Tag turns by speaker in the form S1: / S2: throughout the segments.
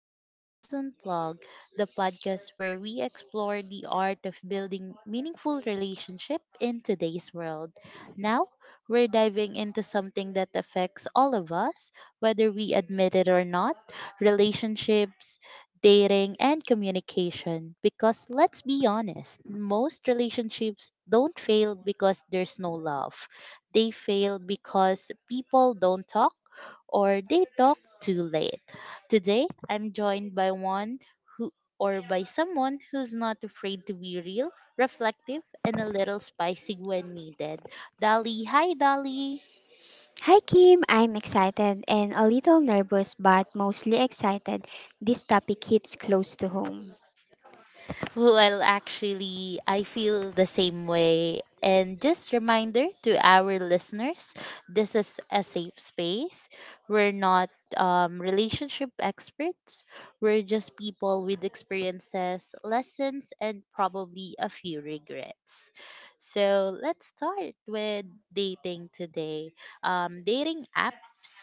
S1: to Connections Unplugged, the podcast where we explore the art of building meaningful relationship in today's world. Now, we're diving into something that affects all of us, whether we admit it or not, relationships, dating, and communication. Because let's be honest, most relationships don't fail because there's no love. They fail because people don't talk or they talk too late. Today, I'm joined who by someone who's not afraid to be real, reflective, and a little spicy when needed. Dolly, hi Dolly.
S2: Hi Kim, I'm excited and a little nervous but mostly excited. This topic hits close to home.
S1: Well, actually, I feel the same way. And just reminder to our listeners, this is a safe space. We're not relationship experts. We're just people with experiences, lessons, and probably a few regrets. So let's start with dating today. Dating apps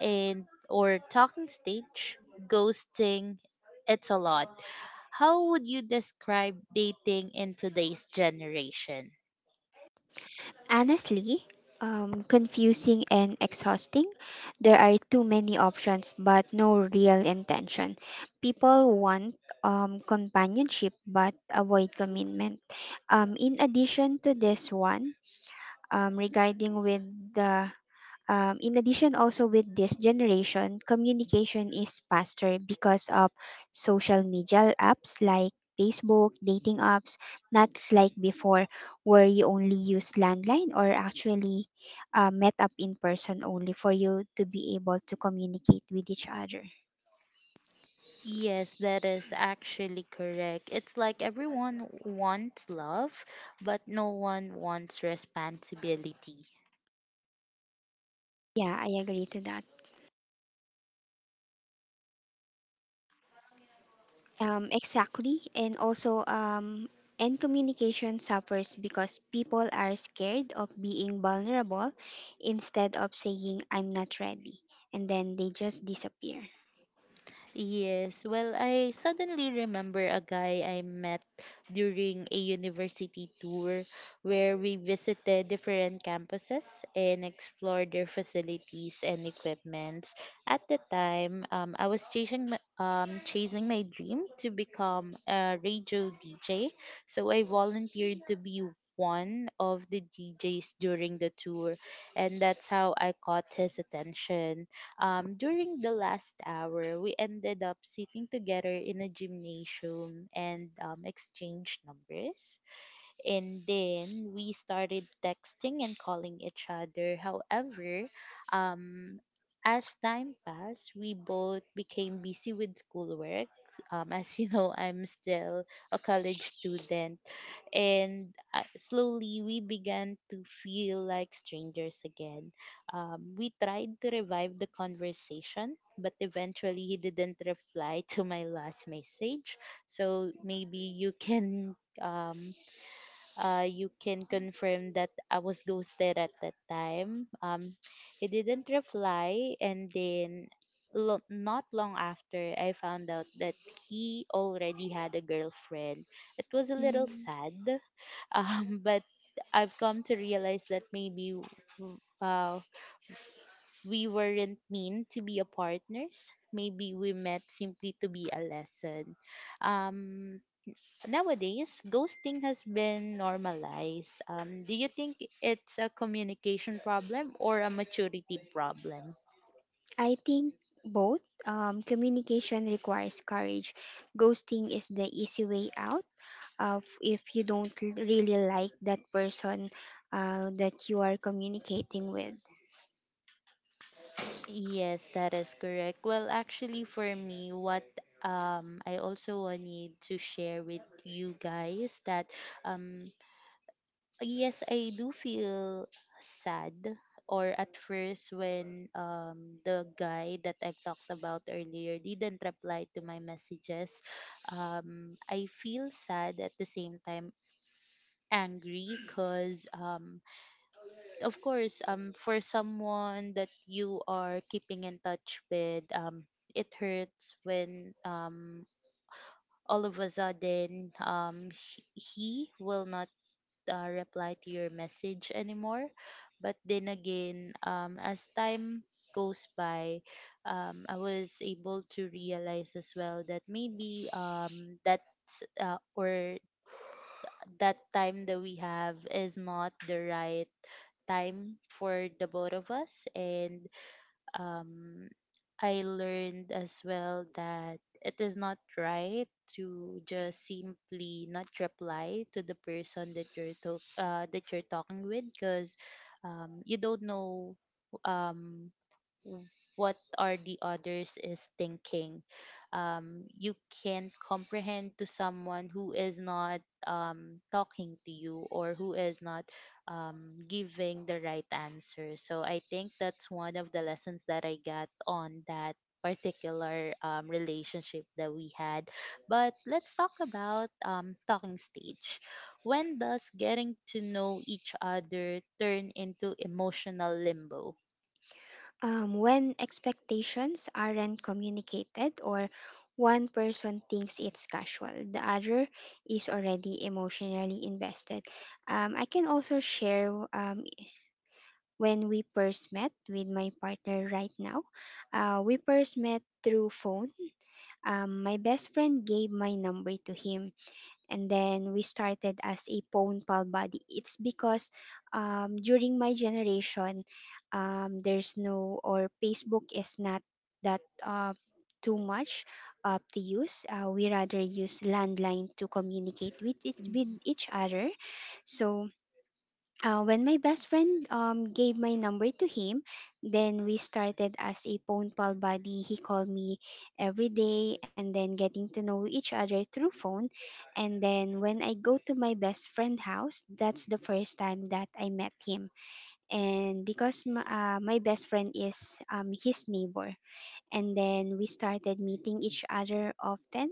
S1: and or talking stage, ghosting, it's a lot. How would you describe dating in today's generation?
S2: Honestly, confusing and exhausting. There are too many options but no real intention. People want companionship but avoid commitment. In addition to this one, regarding with the in addition also with this generation, communication is faster because of social media apps like Facebook dating apps, not like before where you only use landline or actually met up in person only for you to be able to communicate with each other.
S1: Yes, that is actually correct. It's like everyone wants love, but no one wants responsibility.
S2: Yeah, I agree to that. Exactly. And communication suffers because people are scared of being vulnerable instead of saying, I'm not ready. And then they just disappear.
S1: Yes, well, I suddenly remember a guy I met during a university tour where we visited different campuses and explored their facilities and equipments. At the time, I was chasing my dream to become a radio DJ, so I volunteered to be one of the DJs during the tour, and that's how I caught his attention. During the last hour, we ended up sitting together in a gymnasium and exchanged numbers. And then we started texting and calling each other. However, um, as time passed, we both became busy with schoolwork. As you know, I'm still a college student, and slowly we began to feel like strangers again. We tried to revive the conversation, but eventually he didn't reply to my last message. So maybe um, you can confirm that I was ghosted at that time. He didn't reply, and then not long after, I found out that he already had a girlfriend. It was a little
S2: Mm.
S1: sad, but I've come to realize that maybe w- uh, we weren't meant to be a partners. Maybe we met simply to be a lesson. Um, Nowadays, ghosting has been normalized. Do you think it's a communication problem or a maturity problem?
S2: I think both. Communication requires courage. Ghosting is the easy way out of if you don't really like that person that you are communicating with.
S1: Yes, that is correct. Well, actually, for me, what I also need to share with you guys that um yes, I do feel sad. Or at first, when the guy that I've talked about earlier didn't reply to my messages, I feel sad, at the same time angry, because of course for someone that you are keeping in touch with, it hurts when all of a sudden he will not reply to your message anymore. But then again, as time goes by, I was able to realize as well that maybe, uh, or that time that we have is not the right time for the both of us. And um I learned as well that it is not right to just simply not reply to the person that you're talking with, because you don't know, um, w- what are the others is thinking. You can't comprehend to someone who is not talking to you, or who is not giving the right answer. So I think that's one of the lessons that I got on that particular relationship that we had. But let's talk about talking stage. When does getting to know each other turn into emotional limbo?
S2: When expectations aren't communicated, or one person thinks it's casual, the other is already emotionally invested. I can also share when we first met with my partner right now. We first met through phone. My best friend gave my number to him, and then we started as a pwn pal buddy. It's because during my generation, there's no or Facebook is not that too much to use. We rather use landline to communicate with it, with
S1: Mm.
S2: each other. So when my best friend gave my number to him, then we started as a phone pal buddy. He called me every day and then getting to know each other through phone. And then when I go to my best friend house, that's the first time that I met him. And because my best friend is his neighbor. And then we started meeting each other often,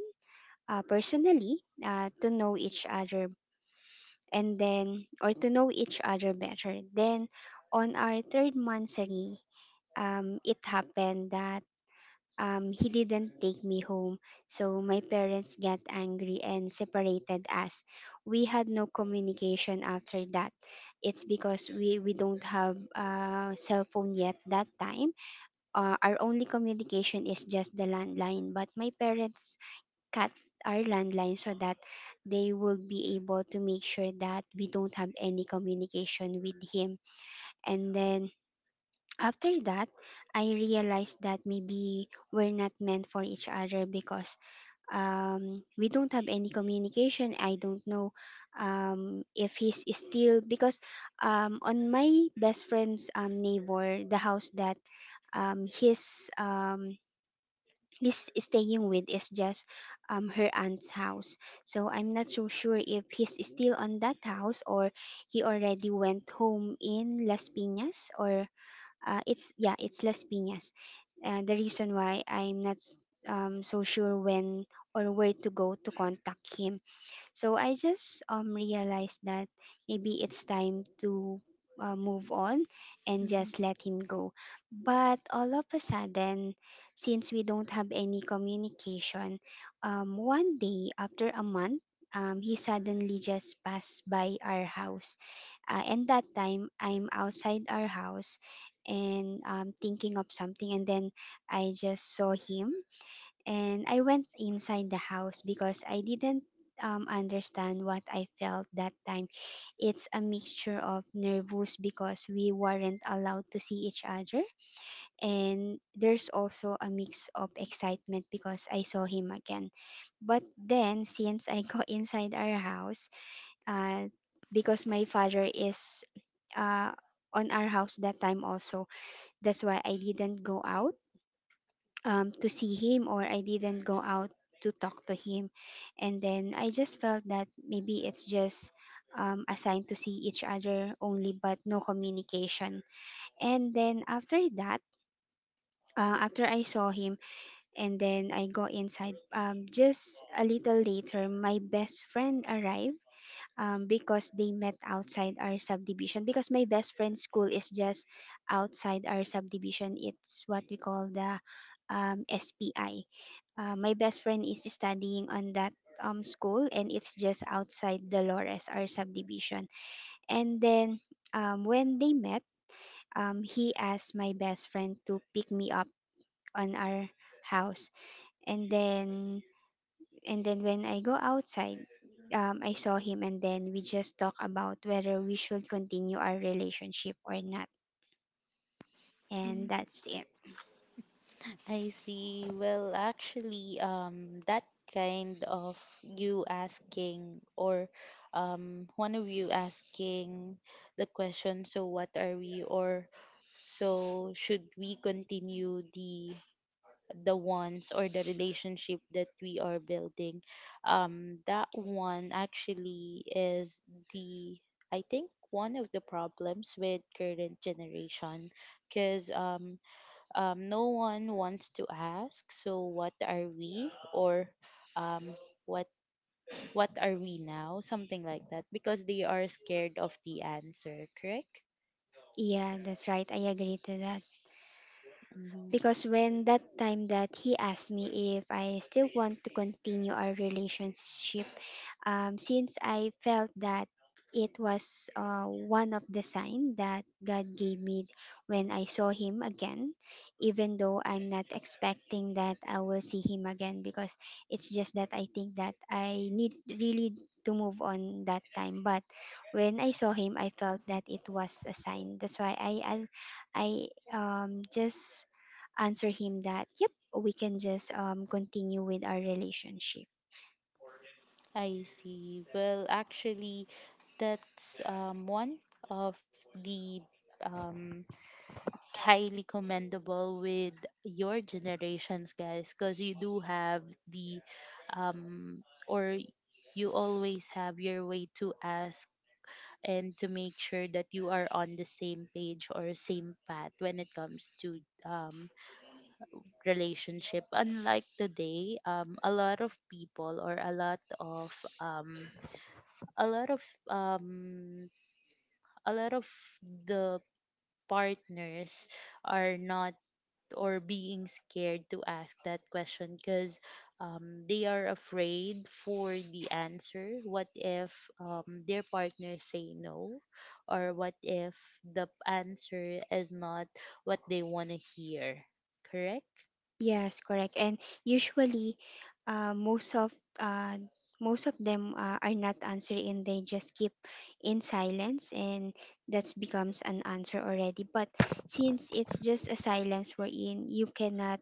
S2: personally, to know each other and then or to know each other better. Then on our third monthsary, it happened that he didn't take me home. So my parents got angry and separated us. We had no communication after that. It's because we don't have a cell phone yet that time. Our only communication is just the landline. But my parents cut our landline so that they will be able to make sure that we don't have any communication with him. And then after that, I realized that maybe we're not meant for each other because we don't have any communication. I don't know if he's still, because on my best friend's neighbor, the house that his he's staying with is just her aunt's house. So I'm not so sure if he's still on that house, or he already went home in Las Piñas, or it's, yeah, it's Las Piñas. The reason why I'm not so sure when or where to go to contact him, so I just realized that maybe it's time to move on and
S1: Mm.
S2: just let him go. But all of a sudden, since we don't have any communication, one day after a month, he suddenly just passed by our house. And that time I'm outside our house and thinking of something, and then I just saw him and I went inside the house because I didn't understand what I felt that time. It's a mixture of nervous because we weren't allowed to see each other, and there's also a mix of excitement because I saw him again. But then, since I go inside our house, uh, because my
S1: Mm.
S2: father is uh, on our house that time also, that's why I didn't go out to see him, or I didn't go out to talk to him. And then I just felt that maybe it's just a sign to see each other only, but no communication. And then after that, after I saw him and then I go inside, just a little later, my best friend arrived because they met outside our subdivision. Because my best friend's school is just outside our subdivision, it's what we call the SPI. My best friend is studying on that school, and it's just outside Dolores, our subdivision. And then when they met, he asked my best friend to pick me up on our house. And then and then when I go outside, I saw him, and then we just talk about whether we should continue our relationship or not. And that's it.
S1: I see. Well, actually, that kind of, you asking, or one of you asking the question, so what are we? Or so should we continue the ones, or the relationship that we are building? That one actually is the I think one of the problems with current generation, because no one wants to ask, so what are we? Or um, what what are we now, something like that, because they are scared of the answer, correct?
S2: Yeah, that's right. I agree to that.
S1: Hmm.
S2: Because when that time that he asked me if I still want to continue our relationship, since I felt that it was one of the signs that God gave me when I saw Him again, even though I'm not expecting that I will see Him again, because it's just that I think that I need really to move on that time. But when I saw Him, I felt that
S1: Mm.
S2: it was a sign. That's why I just answer Him that, yep, we can just continue with our relationship.
S1: I see. Well, actually, that's one of the um, highly commendable with your generations guys, because you do have the, um, or you always have your way to ask, and to make sure that you are on the same page or same path when it comes to um, relationship. Unlike today, a lot of people, or um, a lot of um, a lot of the partners are not, or being scared to ask that question, because they are afraid for the answer. What if, their partner say no, or what if the answer is not what they want to hear? Correct.
S2: Yes, correct. And usually, uh, most of uh, most of them are not answering, and they just keep in silence, and that becomes an answer already. But since it's just a silence wherein you cannot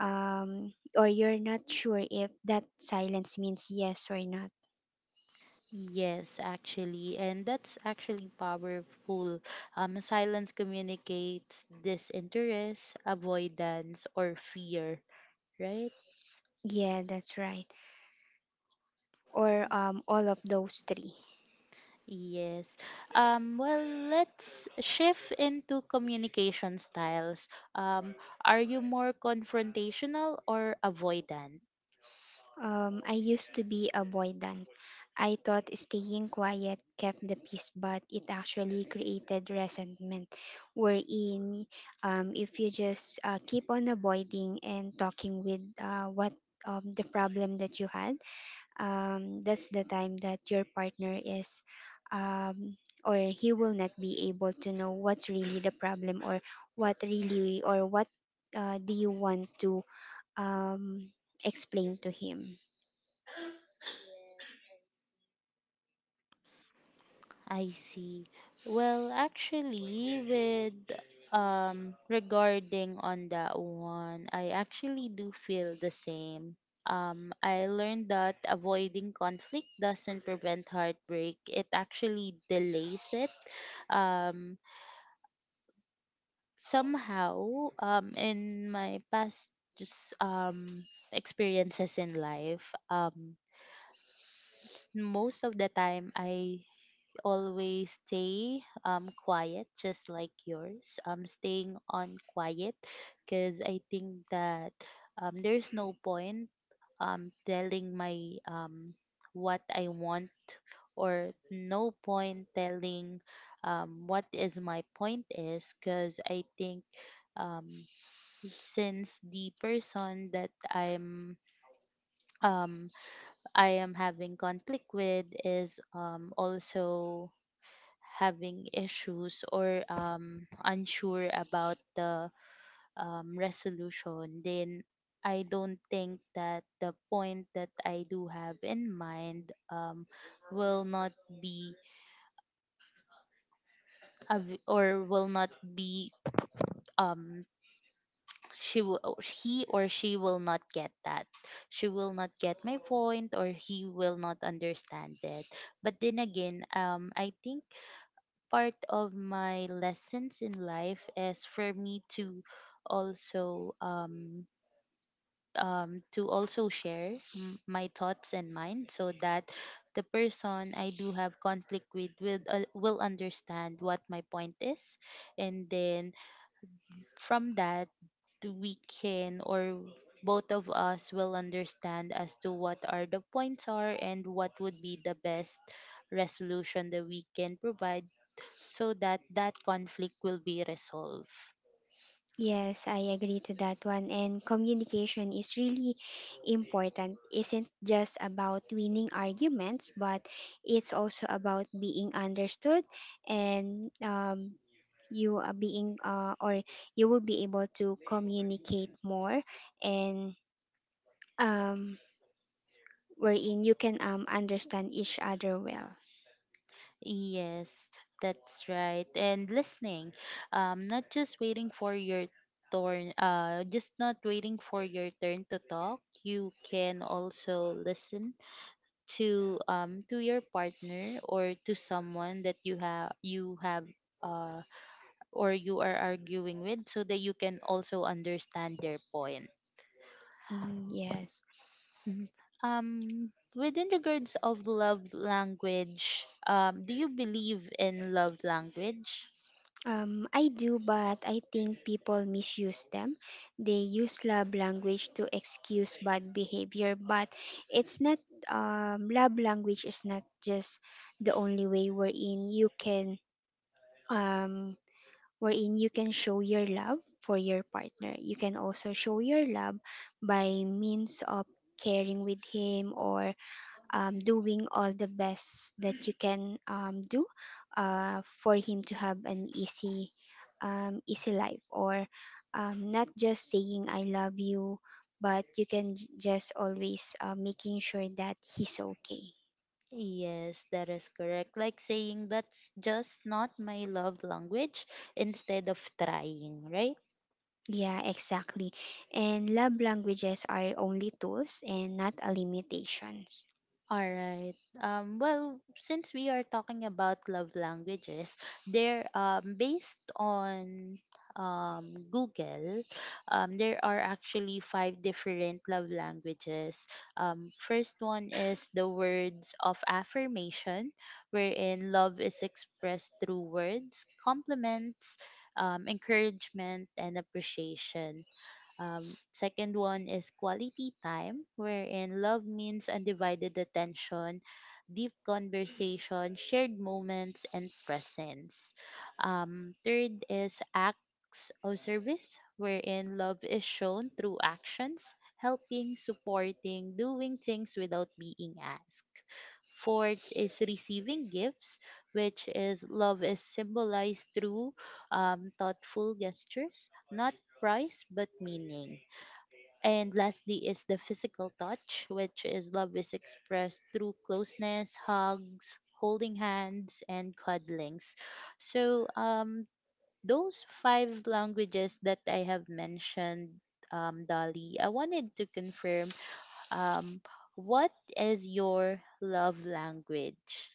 S2: or you're not sure if that silence means yes or not.
S1: Yes, actually, and that's actually powerful. Silence communicates disinterest, avoidance, or fear, right?
S2: Yeah, that's right. Or all of those three.
S1: Yes. Well, let's shift into communication styles. Um, are you more confrontational or avoidant?
S2: I used to be avoidant. I thought staying quiet kept the peace, but it actually created resentment. Wherein, if you just keep on avoiding and talking with what the problem that you had, that's the time that your partner is, um, or he will not be able to know what's really the problem, or what really, or what do you want to um, explain to him.
S1: I see. Well, actually, with, regarding on that one, I actually do feel the same. I learned that avoiding conflict doesn't prevent heartbreak; it actually delays it. Um, Somehow, in my past, just experiences in life, most of the time, I always stay quiet, just like yours, staying on quiet, because I think that there's no point telling my what I want, or no point telling what is my point is, because I think um since the person that um I am having conflict with is also having issues, or unsure about the resolution, then I don't think that the point that I do have in mind will not be or will not be, um she will or he or she will not get that, she will not get my point, or he will not understand it. But then again, I think part of my lessons in life is for me also um to also share my thoughts and mine, so that the person I do have conflict with will understand what my point is. And then, from that, we can, or both of us will understand as to what are the points are, and what would be the best resolution that we can provide, so that that conflict will be resolved.
S2: Yes, I agree to that one. And communication is really important. Isn't just about winning arguments, but it's also about being understood and you are being or you will be able to communicate more and um, wherein you can understand each other well.
S1: Yes, that's right. And listening, not just waiting for your turn, just not waiting for your turn to talk. You can also listen to your partner, or to someone that you have uh or you are arguing with, so that you can also understand their point.
S2: Mm, yes.
S1: Mhm. um within regards of love language, do you believe in love language?
S2: I do, but I think people misuse them. They use love language to excuse bad behavior, but it's not, love language is not just the only way um, wherein you can show your love for your partner. You can also show your love by means of caring with him, or doing all the best that you can do for him to have an easy easy life, or not just saying I love you, but you can just always making sure that he's okay.
S1: Yes, that is correct, like saying, that's just not my love language, instead of trying, right?
S2: Yeah, exactly. And love languages are only tools and not a limitations.
S1: All right. Well, since we are talking about love languages, there based on Google, there are actually five different love languages. First one is the words of affirmation, wherein love is expressed through words, compliments, encouragement, and appreciation. Second one is quality time, wherein love means undivided attention, deep conversation, shared moments, and presence. Third is acts of service, wherein love is shown through actions, helping, supporting, doing things without being asked. Fourth is receiving gifts, which is love is symbolized through thoughtful gestures, not price but meaning. And lastly is the physical touch, which is love is expressed through closeness, hugs, holding hands, and cuddlings. So, those five languages that I have mentioned, Dolly, I wanted to confirm, um, what is your love language?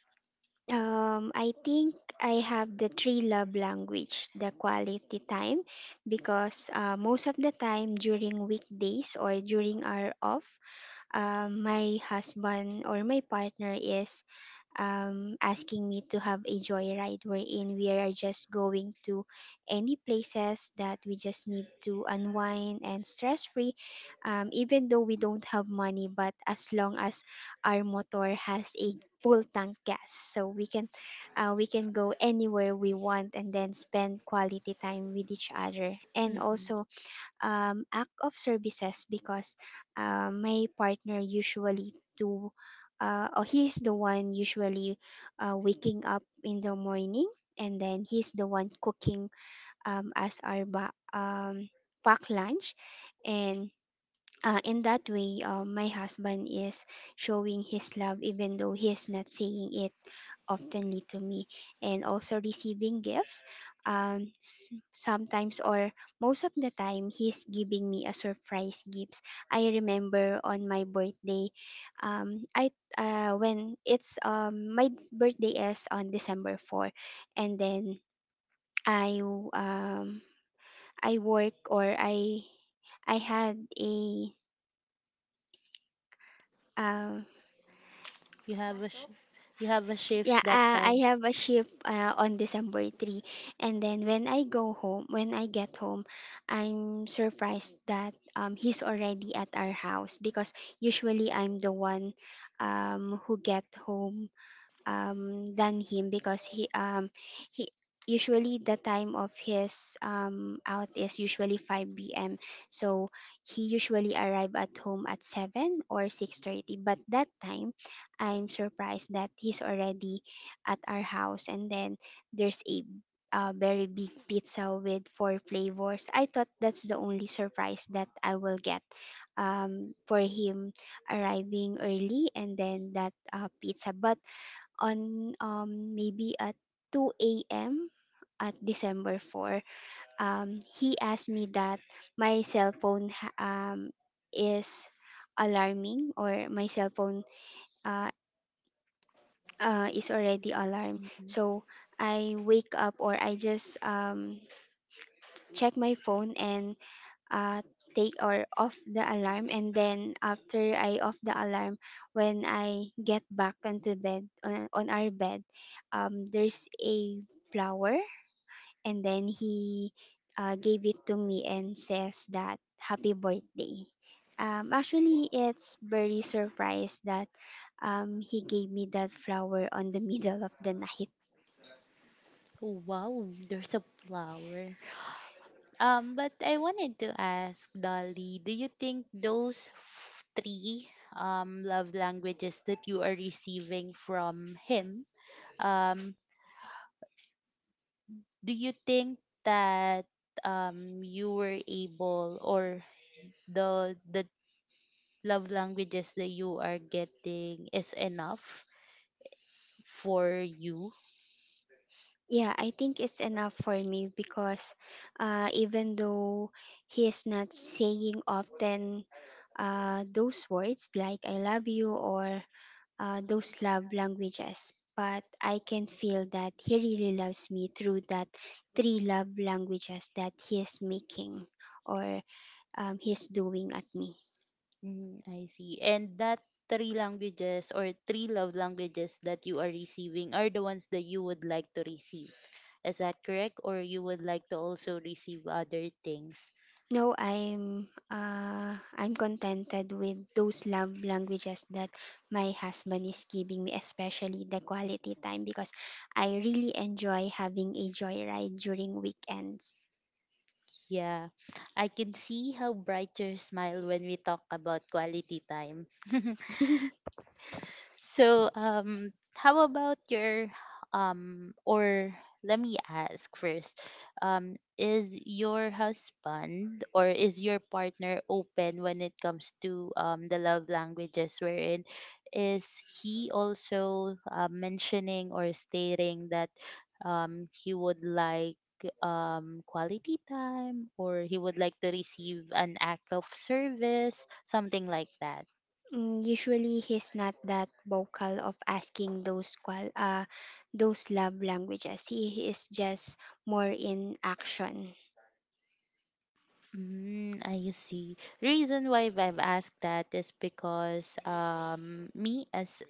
S2: I think I have the three love language, the quality time, because most of the time during weekdays or during our off, my husband or my partner is asking me to have a joyride wherein we are just going to any places that we just need to unwind and stress free, even though we don't have money, but as long as our motor has a full tank gas, so we can go anywhere we want and then spend quality time with each other. And
S1: Mm-mm.
S2: also, act of services because my partner usually do, or he's the one usually waking up in the morning, and then he's the one cooking um, as our ba- um, pack lunch, and in that way, my husband is showing his love even though he is not saying it oftenly to me, and also receiving gifts. Sometimes or most of the time, he's giving me a surprise gifts. I remember on my birthday, I when it's my birthday is on December 4, and then I um I work, or I had a um
S1: You have a sh- you have a
S2: Yeah,
S1: shift that time.
S2: I have a shift on December 3. And then when I get home, I'm surprised that he's already at our house because usually I'm the one who get home than him because he usually the time of his out is usually 5 p.m. So he usually arrive at home at 7 or 6:30. But that time, I'm surprised that he's already at our house, and then there's a very big pizza with four flavors. I thought that's the only surprise that I will get for him arriving early and then that pizza. But on maybe at 2 a.m. at December 4. He asked me that my cell phone is alarming, or my cell phone uh, is already alarmed.
S1: Mm-mm.
S2: So I wake up, or I just check my phone and uh, take or off the alarm, and then after I off the alarm, when I get back onto bed, on our bed, there's a flower, and then he gave it to me and says that happy birthday. Actually, it's very surprised that he gave me that flower on the middle of the night.
S1: Oh, wow, there's a flower. But I wanted to ask Dolly, do you think those three love languages that you are receiving from him, um, do you think that you were able or the love languages that you are getting is enough for you?
S2: Yeah, I think it's enough for me because even though he is not saying often those words like I love you, or those love languages, but I can feel that he really loves me through that three love languages that he is making, or he's doing at me.
S1: Mm, I see. And that three love languages that you are receiving are the ones that you would like to receive. Is that correct? Or you would like to also receive other things?
S2: No, I'm contented with those love languages that my husband is giving me, especially the quality time because I really enjoy having a joyride during weekends.
S1: Yeah. I can see how bright your smile when we talk about quality time. So, how about your, or let me ask first, is your husband, or is your partner open when it comes to the love languages, wherein is he also mentioning or stating that he would like quality time, or he would like to receive an act of service, something like that?
S2: Mm, usually he's not that vocal of asking those love languages. He is just more in action.
S1: Mm, I see. Reason why I've asked that is because me as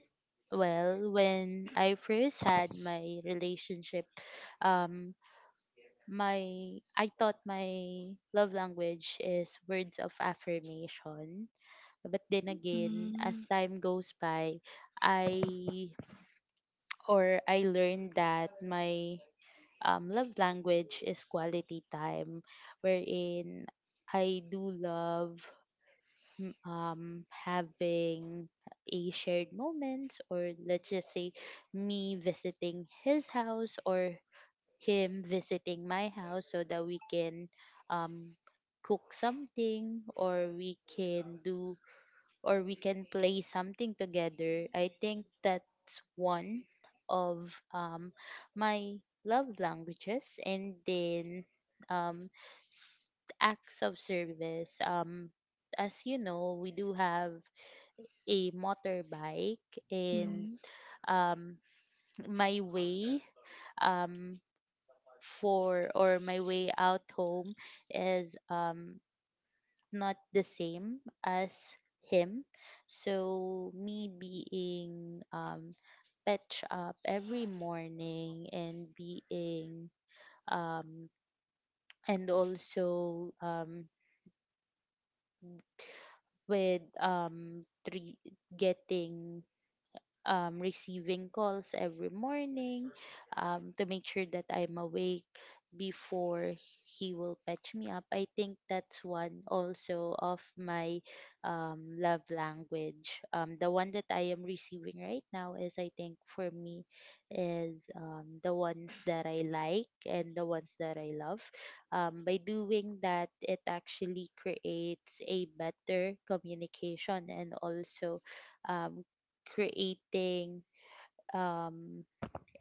S1: well, when I first had my relationship, um my I thought my love language is words of affirmation. But then again, as
S2: Mm.
S1: time goes by, I I learned that my love language is quality time wherein I do love having a shared moment, or let's just say me visiting his house or him visiting my house so that we can um, cook something or we can play something together. I think that's one of my love languages. And then um, s- acts of service. As you know, we do have a motorbike, and
S2: Mm.
S1: um, my way um, for or my way out home is not the same as him. So me being fetch up every morning and being um, and also with three, getting receiving calls every morning to make sure that I'm awake before he will patch me up. I think that's one also of my love language. The one that I am receiving right now is, I think, for me, is the ones that I like and the ones that I love. By doing that, it actually creates a better communication and also um, creating um,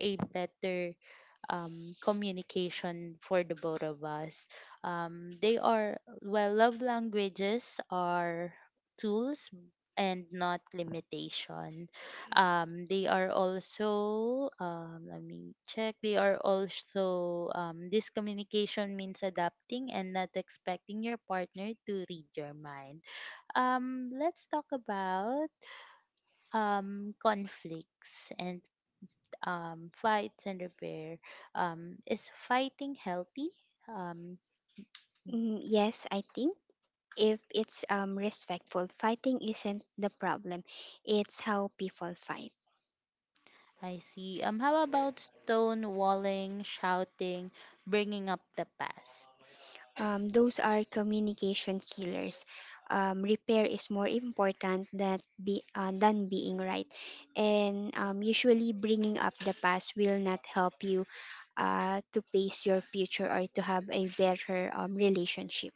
S1: a better communication for the both of us. They are, well, love languages are tools and not limitation. They are also, let me check, they are also, this communication means adapting and not expecting your partner to read your mind. Let's talk about conflicts and fights and repair. Is fighting healthy? Um,
S2: Mm, yes, I think. If it's respectful, fighting isn't the problem. It's how people fight.
S1: I see. How about stonewalling, shouting, bringing up the past?
S2: Those are communication killers. Repair is more important than being right. And usually, bringing up the past will not help you to pace your future or to have a better relationship.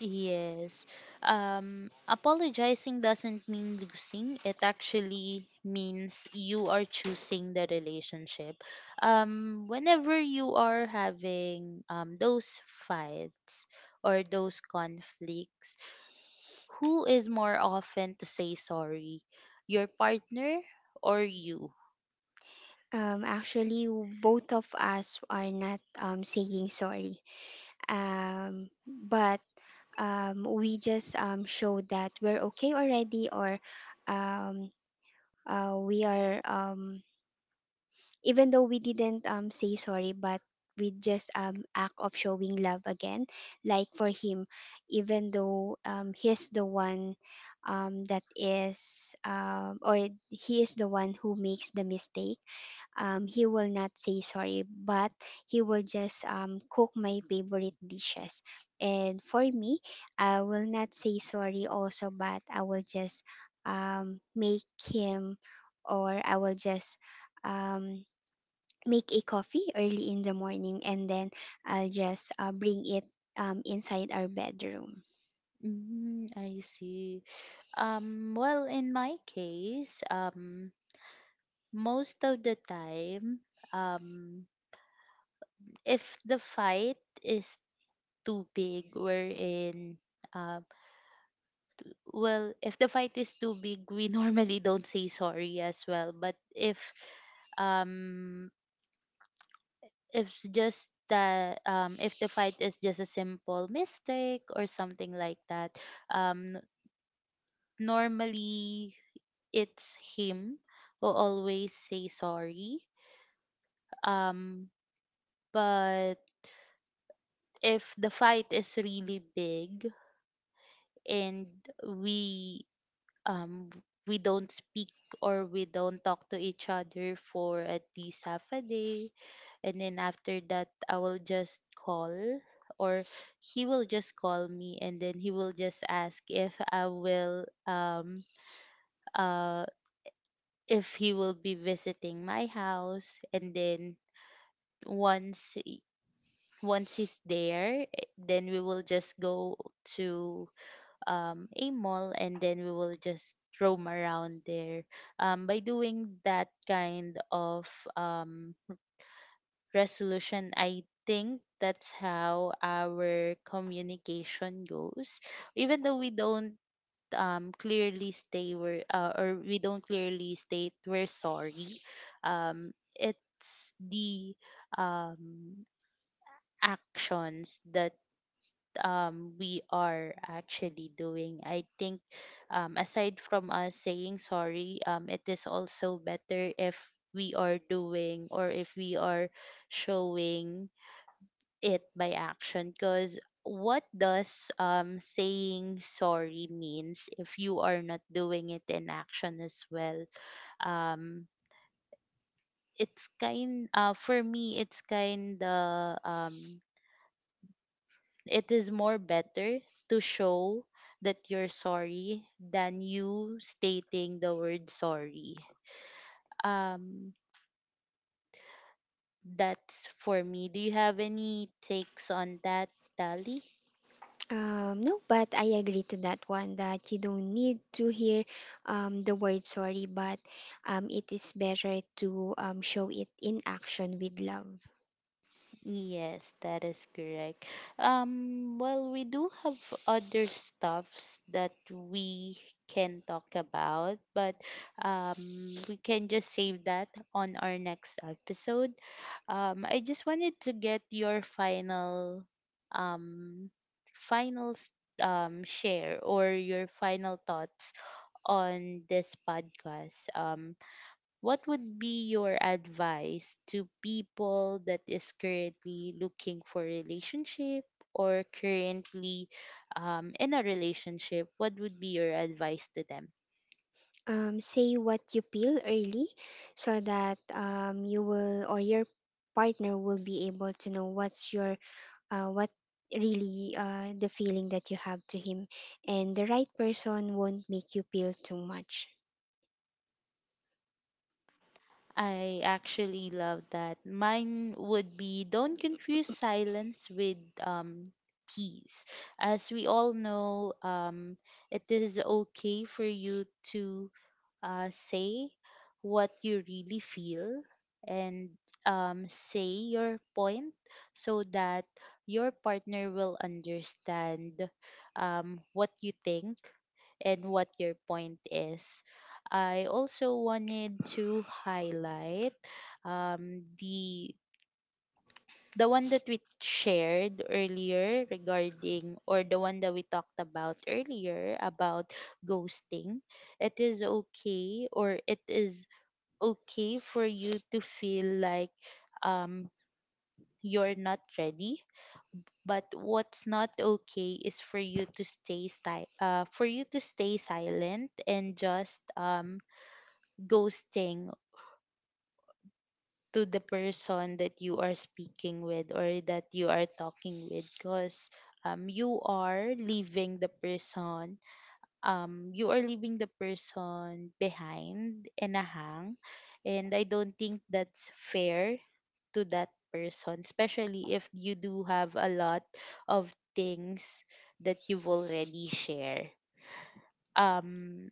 S1: Yes. Apologizing doesn't mean losing. It actually means you are choosing the relationship. Whenever you are having those fights or those conflicts, who is more often to say sorry? Your partner or you?
S2: Actually, both of us are not saying sorry. But we just show that we're okay already, or um, we are, even though we didn't say sorry, but we just act of showing love again, like for him, even though he's the one that is or he is the one who makes the mistake, he will not say sorry, but he will just cook my favorite dishes. And for me, I will not say sorry also, but I will just make him, or I will just um, make a coffee early in the morning, and then I'll just bring it inside our bedroom.
S1: Mm, I see. Well, in my case, most of the time, um, if the fight is too big, uh, if the fight is too big, we normally don't say sorry as well. But um if it's just that if the fight is just a simple mistake or something like that um, n- normally it's him who always say sorry, um, but if the fight is really big and we um we don't speak or we don't talk to each other for at least half a day, and then after that I will just call or he will just call me, and then he will just ask if I will uh if he will be visiting my house, and then once once he's there, eh, then we will just go to a mall and then we will just roam around there. By doing that kind of um, resolution, I think that's how our communication goes. Even though we don't clearly state we're sorry, it's the um, actions that we are actually doing. I think, aside from us saying sorry, it is also better if we are doing or if we are showing it by action. Because what does saying sorry means if you are not doing it in action as well? Um, it's kind for me it's kind of, it is more better to show that you're sorry than you stating the word sorry. Um, that's for me. Do you have any takes on that, Dali?
S2: No, but I agree to that one that you don't need to hear the word sorry, but it is better to show it in action with love.
S1: Yes, that is correct. Well, we do have other stuffs that we can talk about, but we can just save that on our next episode. I just wanted to get your final, um, final s- share or your final thoughts on this podcast. What would be your advice to people that is currently looking for relationship or currently in a relationship? What would be your advice to them?
S2: Say what you feel early so that you will, or your partner will be able to know what's your what really the feeling that you have to him, and the right person won't make you feel too much.
S1: I actually love that. Mine would be, don't confuse silence with peace. As we all know, it is okay for you to say what you really feel and say your point so that your partner will understand what you think and what your point is. I also wanted to highlight um, the the one that we shared earlier regarding or the one that we talked about earlier about ghosting. It is okay, or it is okay for you to feel like um you're not ready, but what's not okay is for you for you to stay silent and just ghosting to the person that you are speaking with or that you are talking with, because um, you are leaving the person you are leaving the person behind in a hang, and I don't think that's fair to that person, especially if you do have a lot of things that you've already shared, um.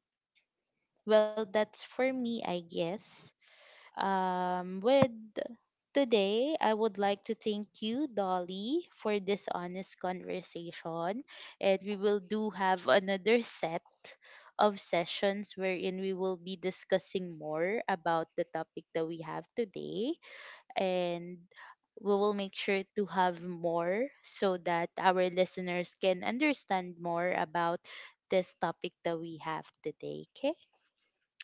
S1: Well, that's for me, I guess. With today, I would like to thank you, Dolly, for this honest conversation. And we will do have another set of sessions wherein we will be discussing more about the topic that we have today. And we will make sure to have more so that our listeners can understand more about this topic that we have today. Okay.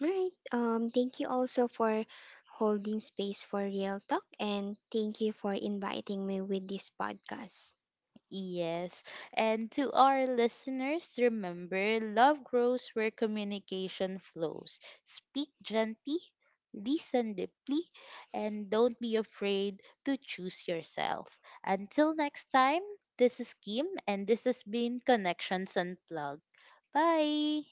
S2: All right. Thank you also for holding space for real talk, and thank you for inviting me with this podcast.
S1: Yes. And to our listeners, remember, love grows where communication flows. Speak gently, listen deeply, and don't be afraid to choose yourself. Until next time, this is Kim, and this has been Connections Unplugged. Bye.